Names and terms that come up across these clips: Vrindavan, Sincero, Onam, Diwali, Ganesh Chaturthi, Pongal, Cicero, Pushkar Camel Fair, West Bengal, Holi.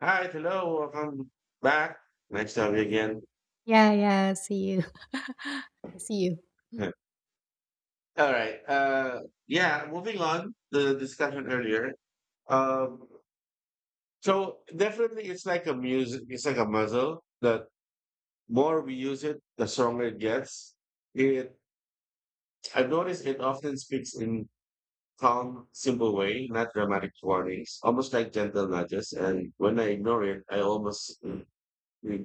Hi, hello, welcome back. Nice to have you again. Yeah, yeah, see you. See you. All right. Yeah, moving on the discussion earlier. Um, so definitely, it's like a music. It's like a muzzle. The more we use it, the stronger it gets. It. I've noticed it often speaks in calm, simple way, not dramatic warnings, almost like gentle nudges. And when I ignore it, I almost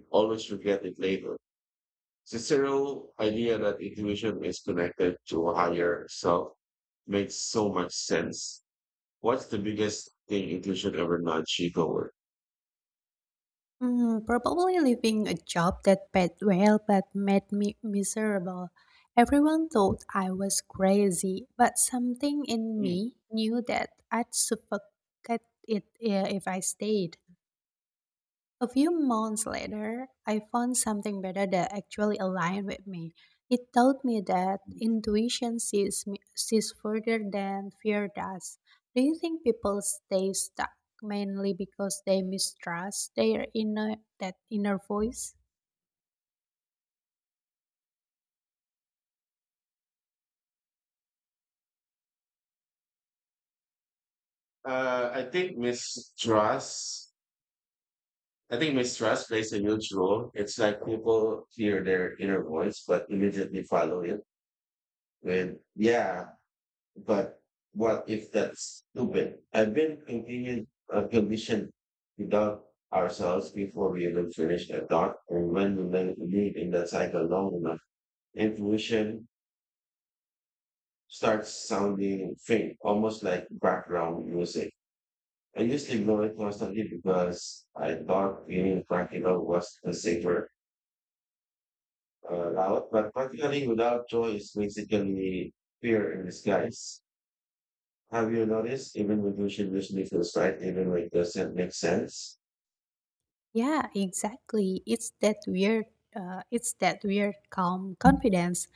always regret it later. Cicero's idea that intuition is connected to a higher self makes so much sense. What's the biggest thing intuition ever nudged you toward? Probably leaving a job that paid well but made me miserable. Everyone thought I was crazy, but something in Hmm. me knew that I'd suffocate it if I stayed. A few months later, I found something better that actually aligned with me. It taught me that intuition sees, me, sees further than fear does. Do you think people stay stuck mainly because they mistrust their inner voice? I think mistrust. I think mistrust plays a huge role. It's like people hear their inner voice, but immediately follow it with, yeah, but what if that's stupid? I've been continued a condition without ourselves before we even finish a thought. And when we then live in that cycle long enough, intuition starts sounding faint, almost like background music. I used to ignore it constantly because I thought being practical was the safer route, but practically without joy is basically fear in disguise. Have you noticed even when motion usually feels right, even when it doesn't make sense? Yeah, exactly. It's that weird calm confidence,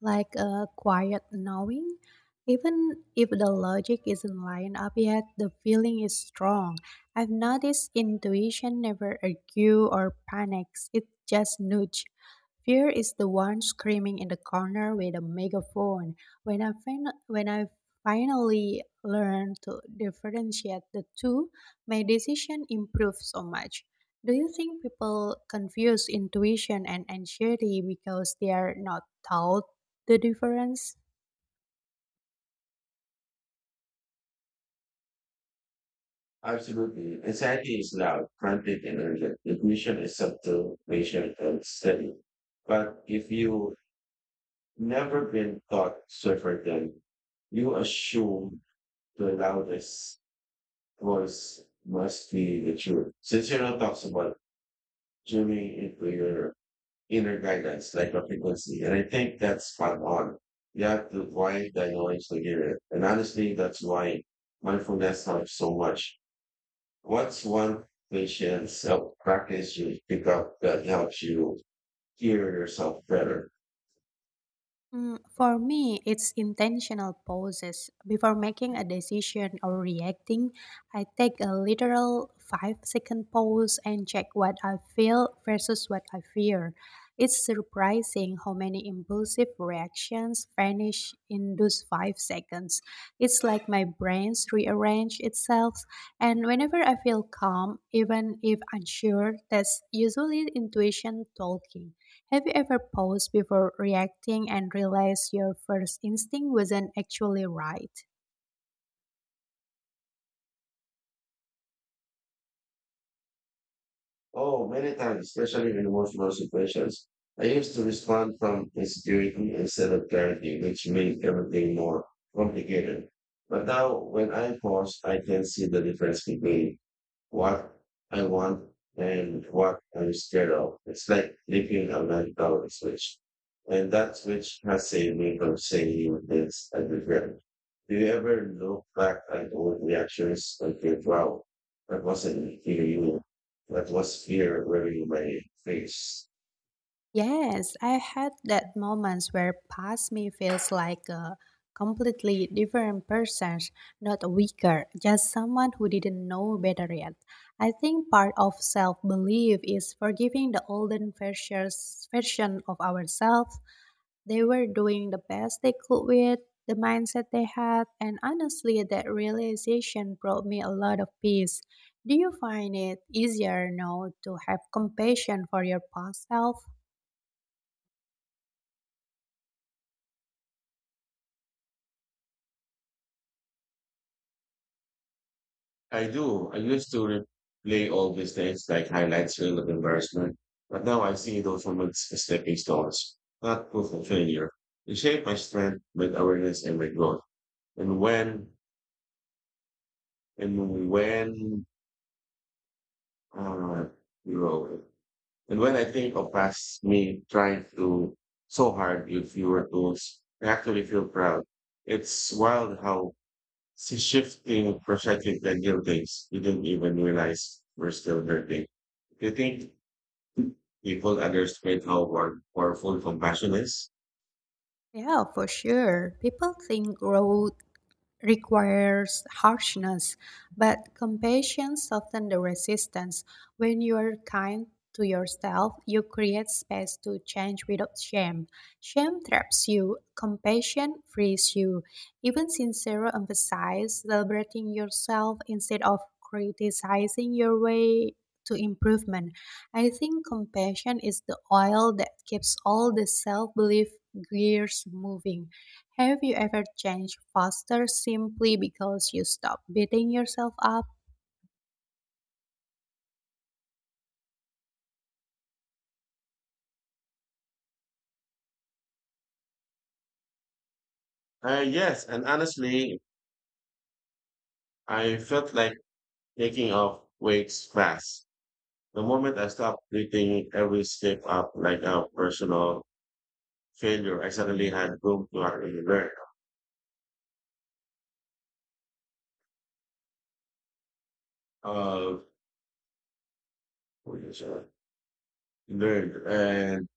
like a quiet knowing. Even if the logic isn't lined up yet, the feeling is strong. I've noticed intuition never argue or panics, it just nudge. Fear is the one screaming in the corner with a megaphone. When I finally learned to differentiate the two, my decision improved so much. Do you think people confuse intuition and anxiety because they are not taught the difference? Absolutely. Anxiety is loud, frantic, and urgent. Intuition is subtle, patient, and steady. But if you never been taught suffer then you assume the loudest voice must be the truth. Since you're not talks about tuning into your inner guidance, like a frequency. And I think that's spot on. You have to why that you like to hear it. And honestly, that's why mindfulness helps so much. What's one patient self practice you pick up that helps you hear yourself better? For me, it's intentional pauses. Before making a decision or reacting, I take a literal 5 second pause and check what I feel versus what I fear. It's surprising how many impulsive reactions vanish in those 5 seconds. It's like my brain's rearrange itself, and whenever I feel calm, even if unsure, that's usually intuition talking. Have you ever paused before reacting and realized your first instinct wasn't actually right? Oh, many times, especially in emotional situations. I used to respond from insecurity instead of clarity, which made everything more complicated. But now, when I pause, I can see the difference between what I want and what I'm scared of. It's like living a life without a switch. And that switch has saved me from saying this and regret. Do you ever look back at old reactions and think, wow, that wasn't fear you, that was fear wearing my face? Yes, I had that moments where past me feels like a completely different person, not weaker, just someone who didn't know better yet. I think part of self-belief is forgiving the version of ourselves. They were doing the best they could with the mindset they had, and honestly, that realization brought me a lot of peace. Do you find it easier now to have compassion for your past self? I do. I used to replay old mistakes like highlights reel of embarrassment, but now I see those moments as stepping stones, not proof of failure. They shape my strength, my awareness, and my growth. And when and when uh, grow. And when I think of past me trying to so hard with fewer tools, I actually feel proud. It's wild how she shifting perfectly the guilt days. You didn't even realize we're still hurting. Do you think people underestimate how powerful compassion is? Yeah, for sure. People think growth requires harshness, but compassion softens the resistance. When you are kind to yourself, you create space to change without shame. Shame traps you, compassion frees you. Even Sincero emphasized celebrating yourself instead of criticizing your way to improvement. I think compassion is the oil that keeps all the self belief gears moving. Have you ever changed faster simply because you stopped beating yourself up? Yes, and honestly, I felt like taking off weights fast. The moment I stopped treating every step up like a personal failure, I suddenly had room to actually learn. Uh, Learn and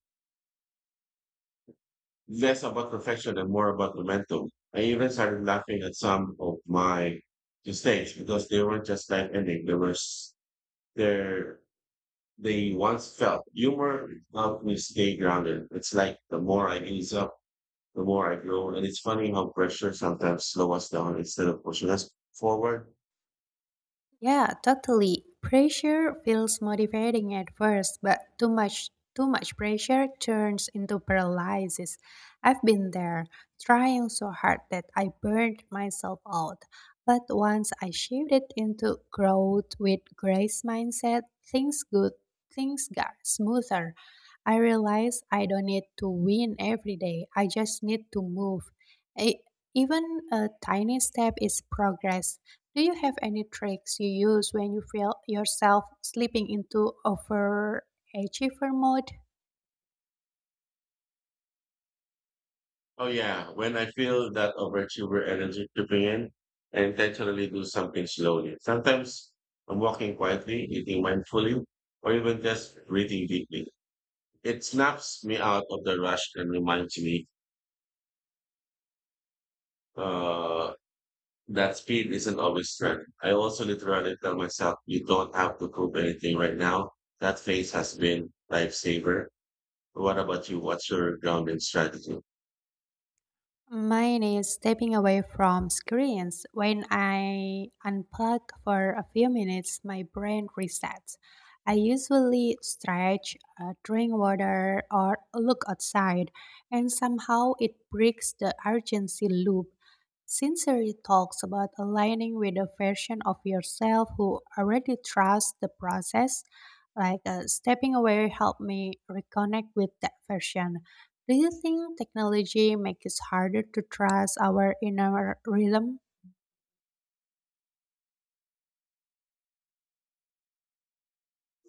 less about perfection and more about momentum. I even started laughing at some of my mistakes because they weren't just life ending. They were they're, they once felt. Humor helped me stay grounded. It's like the more I ease up, the more I grow. And it's funny how pressure sometimes slows us down instead of pushing us forward. Yeah, totally. Pressure feels motivating at first, but too much pressure turns into paralysis. I've been there, trying so hard that I burned myself out. But once I shifted into growth with grace mindset, things good things got smoother. I realized I don't need to win every day. I just need to move. E- Even a tiny step is progress. Do you have any tricks you use when you feel yourself slipping into overachiever mode? Oh yeah, when I feel that overachiever energy creeping in, I intentionally do something slowly. Sometimes I'm walking quietly, eating mindfully, or even just breathing deeply. It snaps me out of the rush and reminds me uh, that speed isn't always strength. I also literally tell myself, you don't have to prove anything right now. That phase has been lifesaver. What about you? What's your grounding strategy? Mine is stepping away from screens. When I unplug for a few minutes, my brain resets. I usually stretch, drink water, or look outside, and somehow it breaks the urgency loop. Sincerity talks about aligning with a version of yourself who already trusts the process. Like stepping away helped me reconnect with that version. Do you think technology makes it harder to trust our inner rhythm?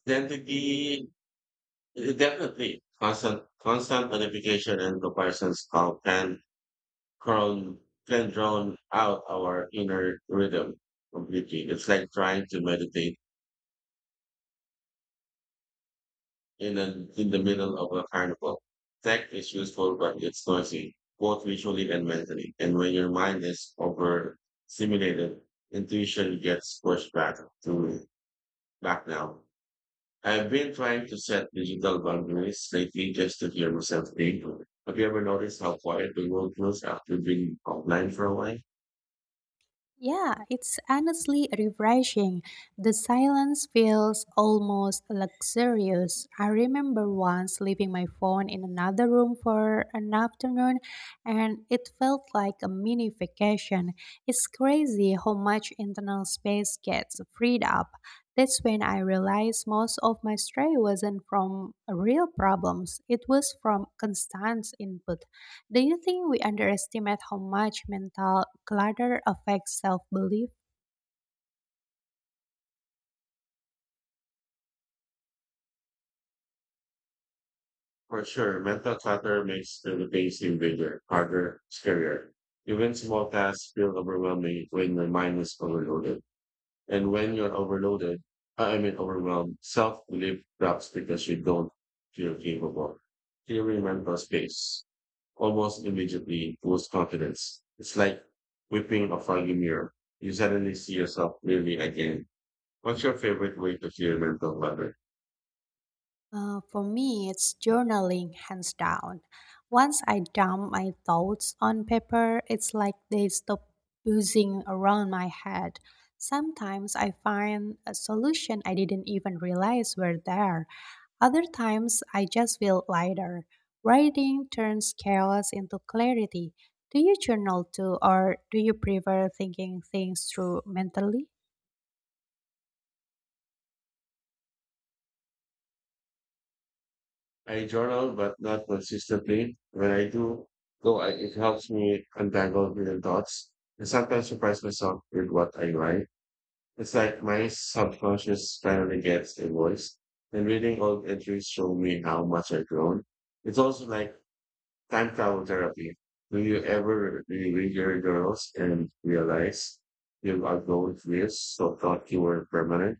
Identity definitely, constant notification and comparisons call can crown can drown out our inner rhythm completely. It's like trying to meditate in the middle of a carnival. Tech is useful, but it's noisy, both visually and mentally. And when your mind is overstimulated, intuition gets pushed back to back now. I've been trying to set digital boundaries lately just to hear myself think. Have you ever noticed how quiet the world feels after being offline for a while? Yeah, it's honestly refreshing. The silence feels almost luxurious. I remember once leaving my phone in another room for an afternoon, and it felt like a mini vacation. It's crazy how much internal space gets freed up. That's when I realized most of my stress wasn't from real problems, it was from constant input. Do you think we underestimate how much mental clutter affects self belief? For sure, mental clutter makes the things seem bigger, harder, scarier. Even small tasks feel overwhelming when my mind is overloaded. And when you're overloaded, I mean overwhelmed, self-belief drops because you don't feel capable. Theory mental space almost immediately boosts confidence. It's like whipping a foggy mirror. You suddenly see yourself clearly again. What's your favorite way to clear mental clutter? For me, it's journaling, hands down. Once I dump my thoughts on paper, it's like they stop buzzing around my head. Sometimes I find a solution I didn't even realize were there. Other times, I just feel lighter. Writing turns chaos into clarity. Do you journal too, or do you prefer thinking things through mentally? I journal, but not consistently. When I do, though, it helps me untangle hidden thoughts and sometimes surprise myself with what I write. It's like my subconscious finally gets a voice. And reading old entries show me how much I've grown. It's also like time travel therapy. Do you ever reread your journals and realize you've outgrown fears so thought you were permanent?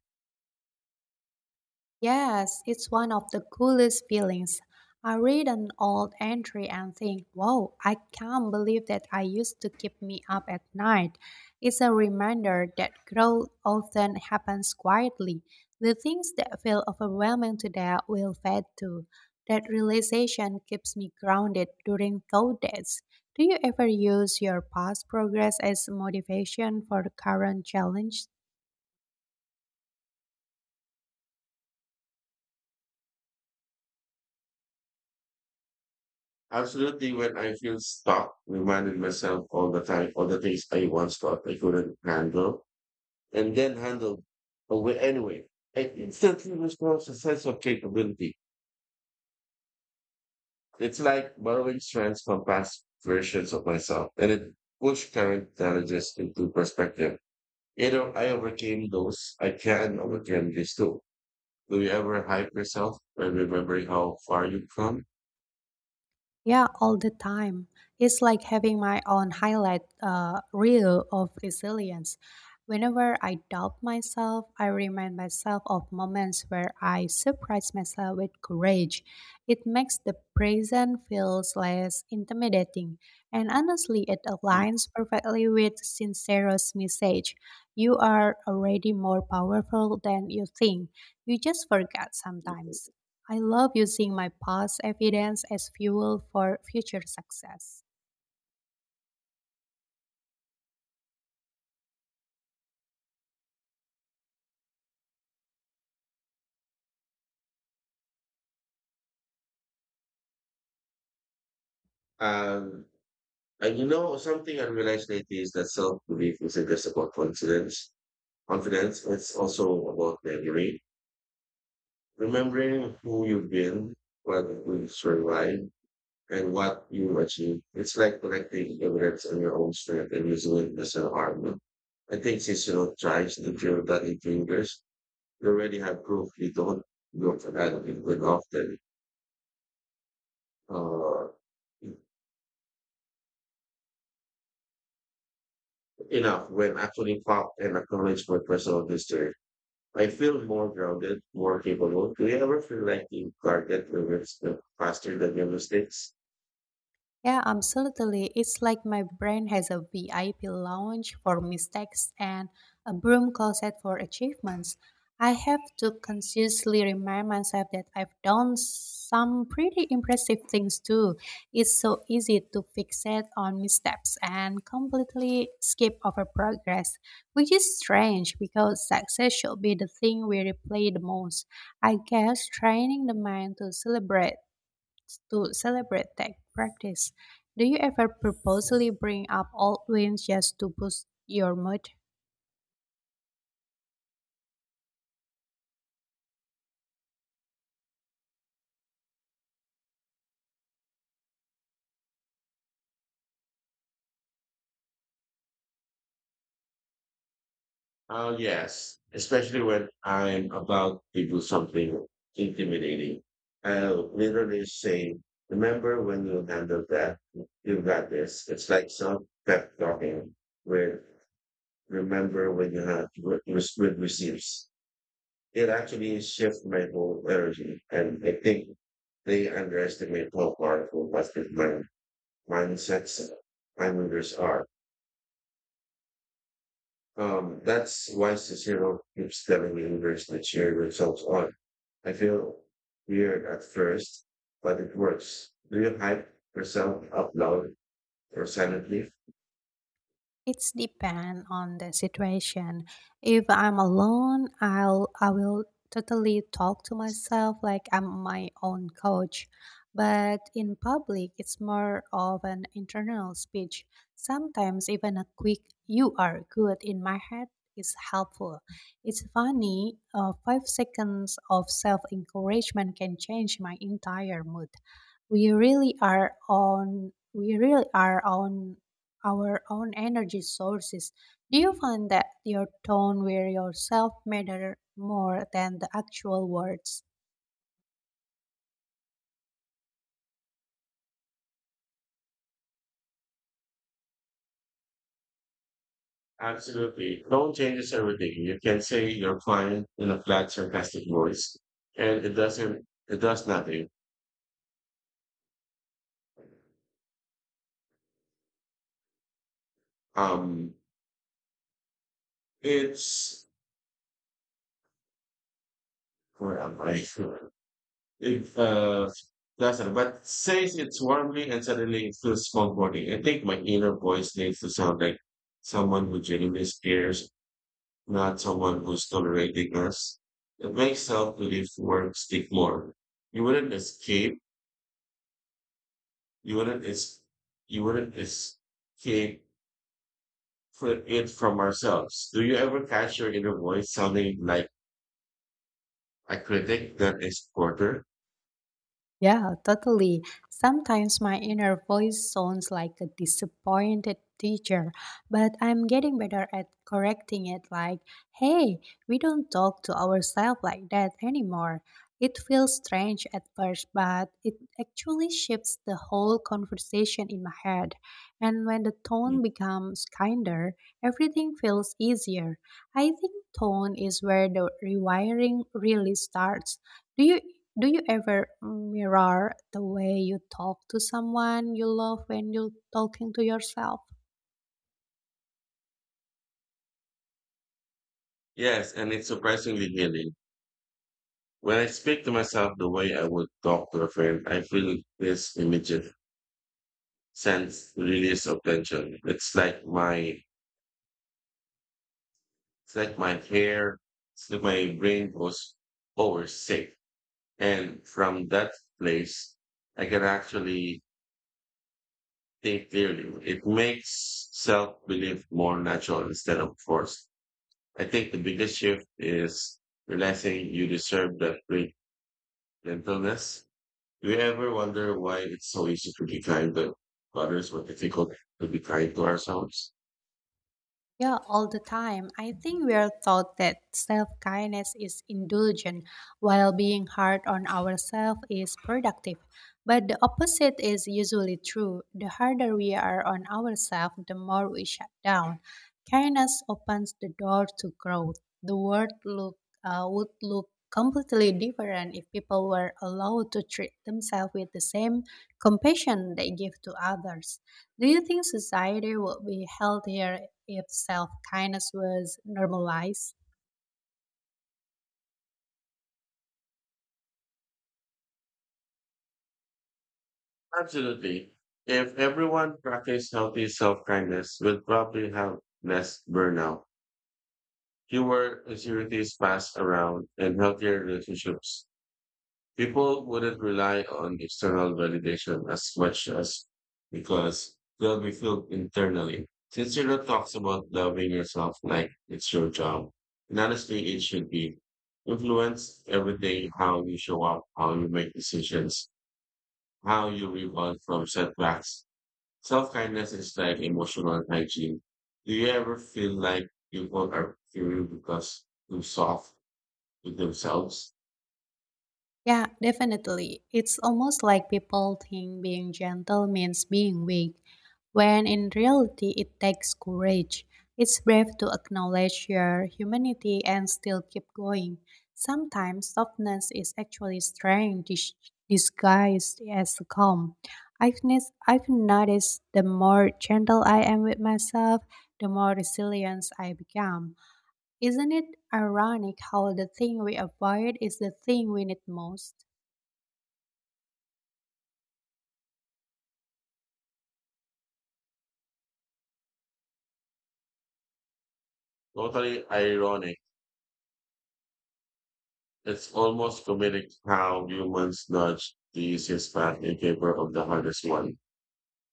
Yes, it's one of the coolest feelings. I read an old entry and think, wow, I can't believe that I used to keep me up at night. It's a reminder that growth often happens quietly. The things that feel overwhelming today will fade too. That realization keeps me grounded during thought days. Do you ever use your past progress as motivation for current challenge? Absolutely. When I feel stuck, reminding myself all the time, all the things I once thought I couldn't handle and then handle away anyway. I instantly restores a sense of capability. It's like borrowing strands from past versions of myself, and it puts current challenges into perspective. You know, I overcame those. I can overcome this too. Do you ever hype yourself by remembering how far you've come? Yeah, all the time. It's like having my own highlight reel of resilience. Whenever I doubt myself, I remind myself of moments where I surprise myself with courage. It makes the present feels less intimidating, and honestly, it aligns perfectly with Sincero's message. You are already more powerful than you think. You just forget sometimes. I love using my past evidence as fuel for future success. Um, and you know, something I realized lately is that self belief isn't just about confidence. It's also about memory. Remembering who you've been, what you've survived, and what you achieve. It's like collecting evidence on your own strength and using it as an argument. I think since you don't try to feel that it lingers, you already have proof you don't go for that good often. Uh, Enough when actually fought and acknowledged my personal history. I feel more grounded, more capable. Do you ever feel like you guarded limits faster than your mistakes? Yeah, absolutely. It's like my brain has a VIP lounge for mistakes and a broom closet for achievements. I have to consciously remind myself that I've done some pretty impressive things too. It's so easy to fixate on missteps and completely skip over progress, which is strange because success should be the thing we replay the most. I guess training the mind to celebrate events to celebrate tech practice. Do you ever purposely bring up old wins just to boost your mood? Yes, especially when I'm about to do something intimidating. I'll literally say, remember when you handled that, you got this. It's like some pep talking where remember when you had good receipts. It actually shifts my whole energy. And I think they underestimate how powerful positive mindsets and reminders are. That's why Cicero keeps telling me universe to cheer yourselves on. I feel weird at first, but it works. Do you hype yourself up loud or silently? It's depend on the situation. If I'm alone, I will totally talk to myself like I'm my own coach. But in public, it's more of an internal speech. Sometimes even a quick "you are good" in my head is helpful. It's funny, 5 seconds of self encouragement can change my entire mood. We really are on. We really are on our own energy sources. Do you find that your tone wear yourself matter more than the actual words? Absolutely. Tone changes everything. You can say you're fine in a flat, sarcastic voice, and it does nothing. Um, it's, where am I? If Lazar, but says it's warmly and suddenly it feels comforting. I think my inner voice needs to sound like someone who genuinely cares, not someone who's tolerating us. It makes self-belief work stick more. You wouldn't escape. You wouldn't es- You wouldn't escape it from ourselves. Do you ever catch your inner voice sounding like a critic that is quarter? Yeah, totally. Sometimes my inner voice sounds like a disappointed teacher, but I'm getting better at correcting it like, hey, we don't talk to ourselves like that anymore. It feels strange at first, but it actually shifts the whole conversation in my head. And when the tone becomes kinder, everything feels easier. I think tone is where the rewiring really starts. Do you do you ever mirror the way you talk to someone you love when you're talking to yourself? Yes, and it's surprisingly healing. When I speak to myself the way I would talk to a friend, I feel this immediate sense release of tension. It's like my hair, it's like my brain goes, oh, we're safe. And from that place, I can actually think clearly. It makes self-belief more natural instead of forced. I think the biggest shift is realizing you deserve that great gentleness. Do you ever wonder why it's so easy to be kind to others but difficult to be kind to ourselves? Yeah, all the time. I think we are taught that self kindness is indulgent, while being hard on ourselves is productive. But the opposite is usually true. The harder we are on ourselves, the more we shut down. Kindness opens the door to growth. The world would look completely different if people were allowed to treat themselves with the same compassion they give to others. Do you think society would be healthier if self kindness was normalized? Absolutely. If everyone practiced healthy self-kindness, we'd probably have less burnout, fewer insecurities passed around, and healthier relationships. People wouldn't rely on external validation as much as because they'll be filled internally. Sincere talks about loving yourself like it's your job. And honestly, it should be. Influence everything, how you show up, how you make decisions, how you rebound from setbacks. Self-kindness is like emotional hygiene. Do you ever feel like people are fearing because too soft with themselves? Yeah, definitely. It's almost like people think being gentle means being weak, when in reality, it takes courage. It's brave to acknowledge your humanity and still keep going. Sometimes softness is actually disguised as calm. I've noticed the more gentle I am with myself, the more resilient I become. Isn't it ironic how the thing we avoid is the thing we need most? Totally ironic. It's almost comedic how humans nudge the easiest path in favor of the hardest one.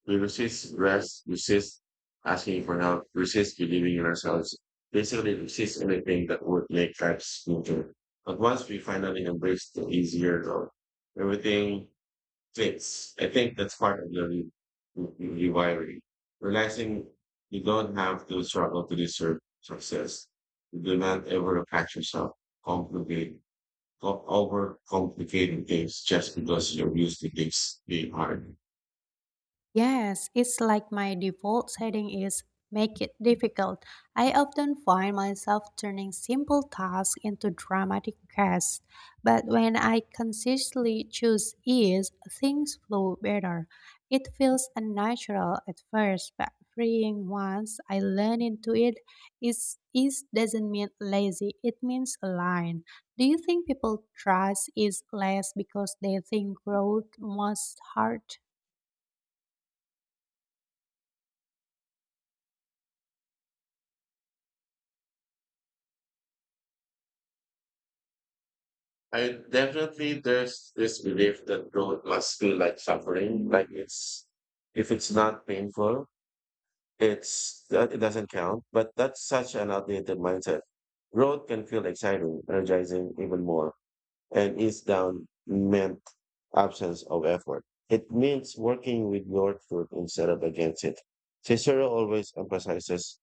We resist rest, resist asking for help, resist believing in ourselves, basically resist anything that would make life smoother. But once we finally embrace the easier road, everything fits. I think that's part of the rewiring. Realizing you don't have to struggle to deserve success. You do not ever attach yourself, complicate go over things just because you're used to things being hard. Yes, it's like my default setting is make it difficult. I often find myself turning simple tasks into dramatic quests, but when I consistently choose ease, things flow better. It feels unnatural at first, but freeing once I learn into it, is ease doesn't mean lazy, it means aligned. Do you think people trust ease less because they think growth must hurt? I definitely there's this belief that growth must feel like suffering, like it's if it's not painful, it's that it doesn't count. But that's such an outdated mindset. Growth can feel exciting, energizing even more, and is down meant absence of effort. It means working with your truth instead of against it. Cicero always emphasizes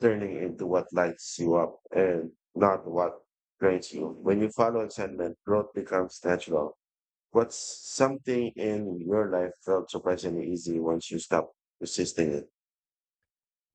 turning into what lights you up and not what drains you. When you follow contentment, growth becomes natural. What's something in your life felt surprisingly easy once you stopped resisting it?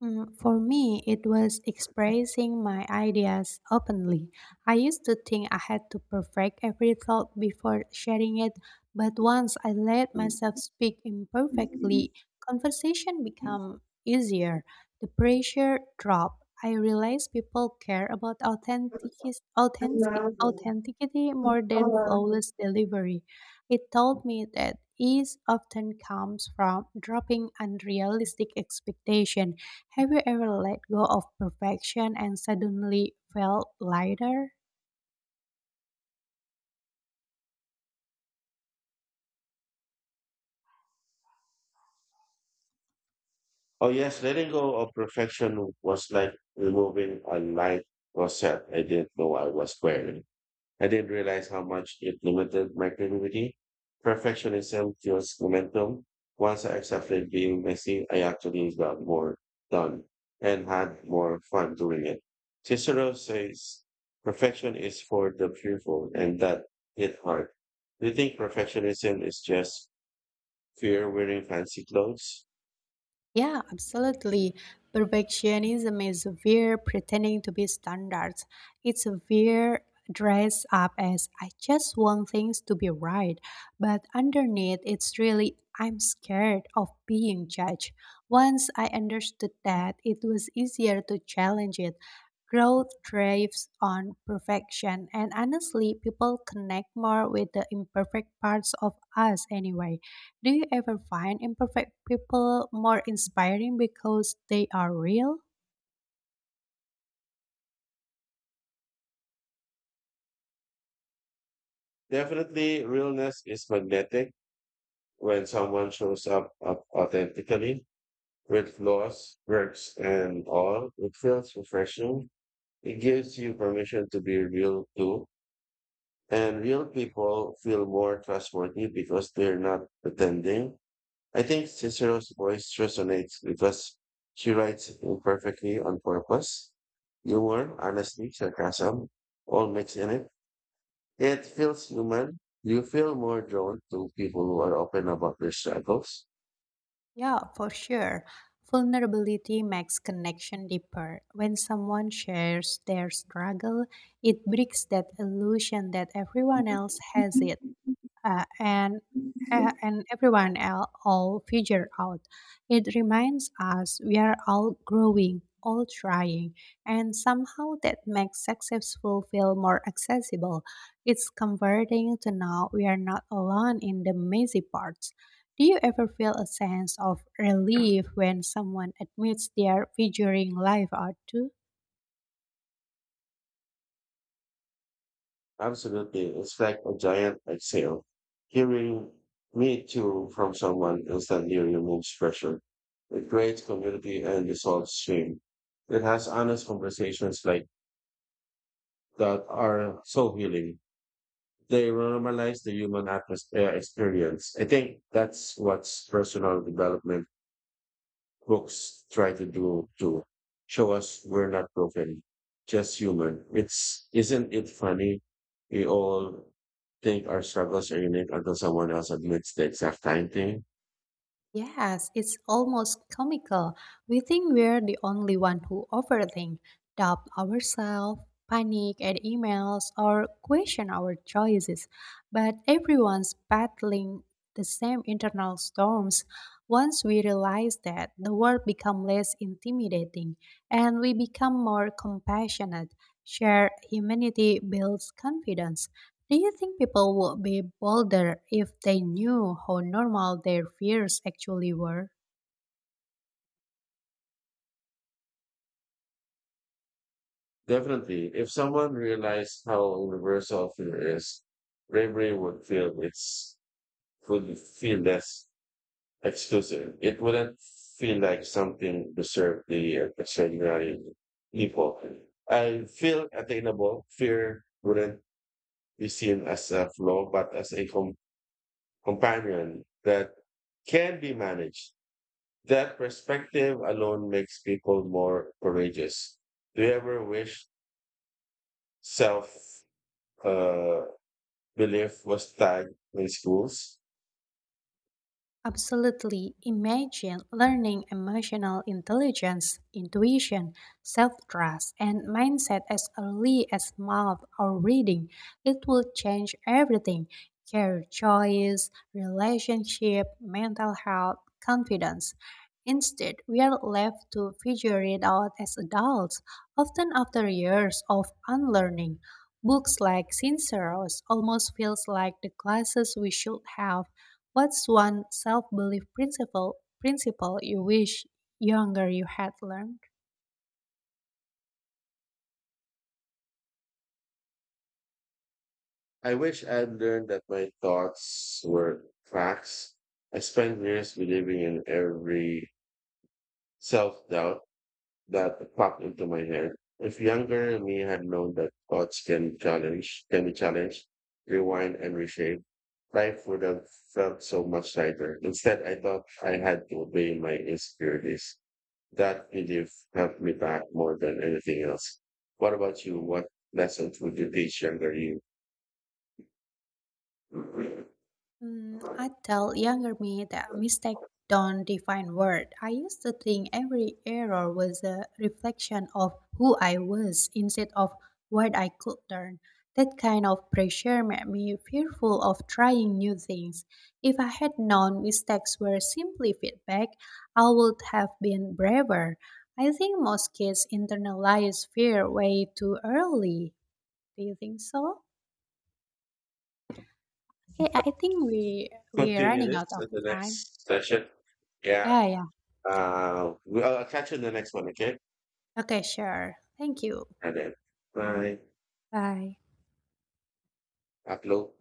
For me, it was expressing my ideas openly. I used to think I had to perfect every thought before sharing it, but once I let Mm. myself speak imperfectly, conversation became easier. The pressure dropped. I realized people care about authenticity more than flawless delivery. It taught me that ease often comes from dropping unrealistic expectations. Have you ever let go of perfection and suddenly felt lighter? Oh yes, letting go of perfection was like removing a light rosette I didn't know I was wearing. I didn't realize how much it limited my creativity. Perfectionism kills momentum. Once I accepted being messy, I actually got more done and had more fun doing it. Cicero says perfection is for the fearful, and that hit hard. Do you think perfectionism is just fear wearing fancy clothes? Yeah, absolutely. Perfectionism is we're pretending to be standards. It's we're dressed up as I just want things to be right. But underneath, it's really I'm scared of being judged. Once I understood that, it was easier to challenge it. Growth thrives on perfection, and honestly, people connect more with the imperfect parts of us anyway. Do you ever find imperfect people more inspiring because they are real? Definitely, realness is magnetic when someone shows up authentically. With laws, works, and all. It feels refreshing. It gives you permission to be real too. And real people feel more trustworthy because they're not pretending. I think Cicero's voice resonates because she writes it imperfectly on purpose. Humor, honesty, sarcasm, all mixed in it. It feels human. You feel more drawn to people who are open about their struggles. Yeah, for sure. Vulnerability makes connection deeper. When someone shares their struggle, it breaks that illusion that everyone else has it. uh, and and everyone else all figure out. It reminds us we are all growing, all trying, and somehow that makes successful feel more accessible. It's comforting to know we are not alone in the messy parts. Do you ever feel a sense of relief when someone admits they are figuring life out too? Absolutely. It's like a giant exhale. Hearing me too from someone instantly removes pressure. It creates community and dissolves shame. It has honest conversations like that are so healing. They normalize the human atmosphere experience. I think that's what's personal development books try to do to show us we're not broken, just human. It's isn't it funny? We all think our struggles are unique until someone else admits the exact same thing. Yes, it's almost comical. We think we're the only one who overthink, doubt ourselves, panic at emails, or question our choices. But everyone's battling the same internal storms. Once we realize that, the world becomes less intimidating and we become more compassionate. Shared humanity builds confidence. Do you think people would be bolder if they knew how normal their fears actually were? Definitely, if someone realized how universal fear is, bravery would feel it's would feel less exclusive. It wouldn't feel like something reserved the extraordinary people. I feel attainable. Fear wouldn't is seen as a flaw, but as a companion that can be managed. That perspective alone makes people more courageous. Do you ever wish self uh, belief was tagged in schools? Absolutely. Imagine learning emotional intelligence, intuition, self trust, and mindset as early as math or reading. It will change everything: career choice, relationship, mental health, confidence. Instead, we are left to figure it out as adults, often after years of unlearning. Books like Sinceros almost feels like the classes we should have. What's one self-belief principle you wish younger you had learned? I wish I'd learned that my thoughts were facts. I spent years believing in every self doubt that popped into my head. If younger me had known that thoughts can challenge, can be challenged, rewind and reshape, life would have felt so much lighter. Instead, I thought I had to obey my insecurities. That belief helped me back more than anything else. What about you? What lessons would you teach younger you? I tell younger me that mistakes don't define worth. I used to think every error was a reflection of who I was instead of what I could learn. That kind of pressure made me fearful of trying new things. If I had known mistakes were simply feedback, I would have been braver. I think most kids internalize fear way too early. Do you think so? Okay, I think we're Continue running out this of in the time. next session. Yeah. Yeah, yeah. I'll catch you in the next one, okay? Okay, sure. Thank you. And then, bye. Bye. Upload.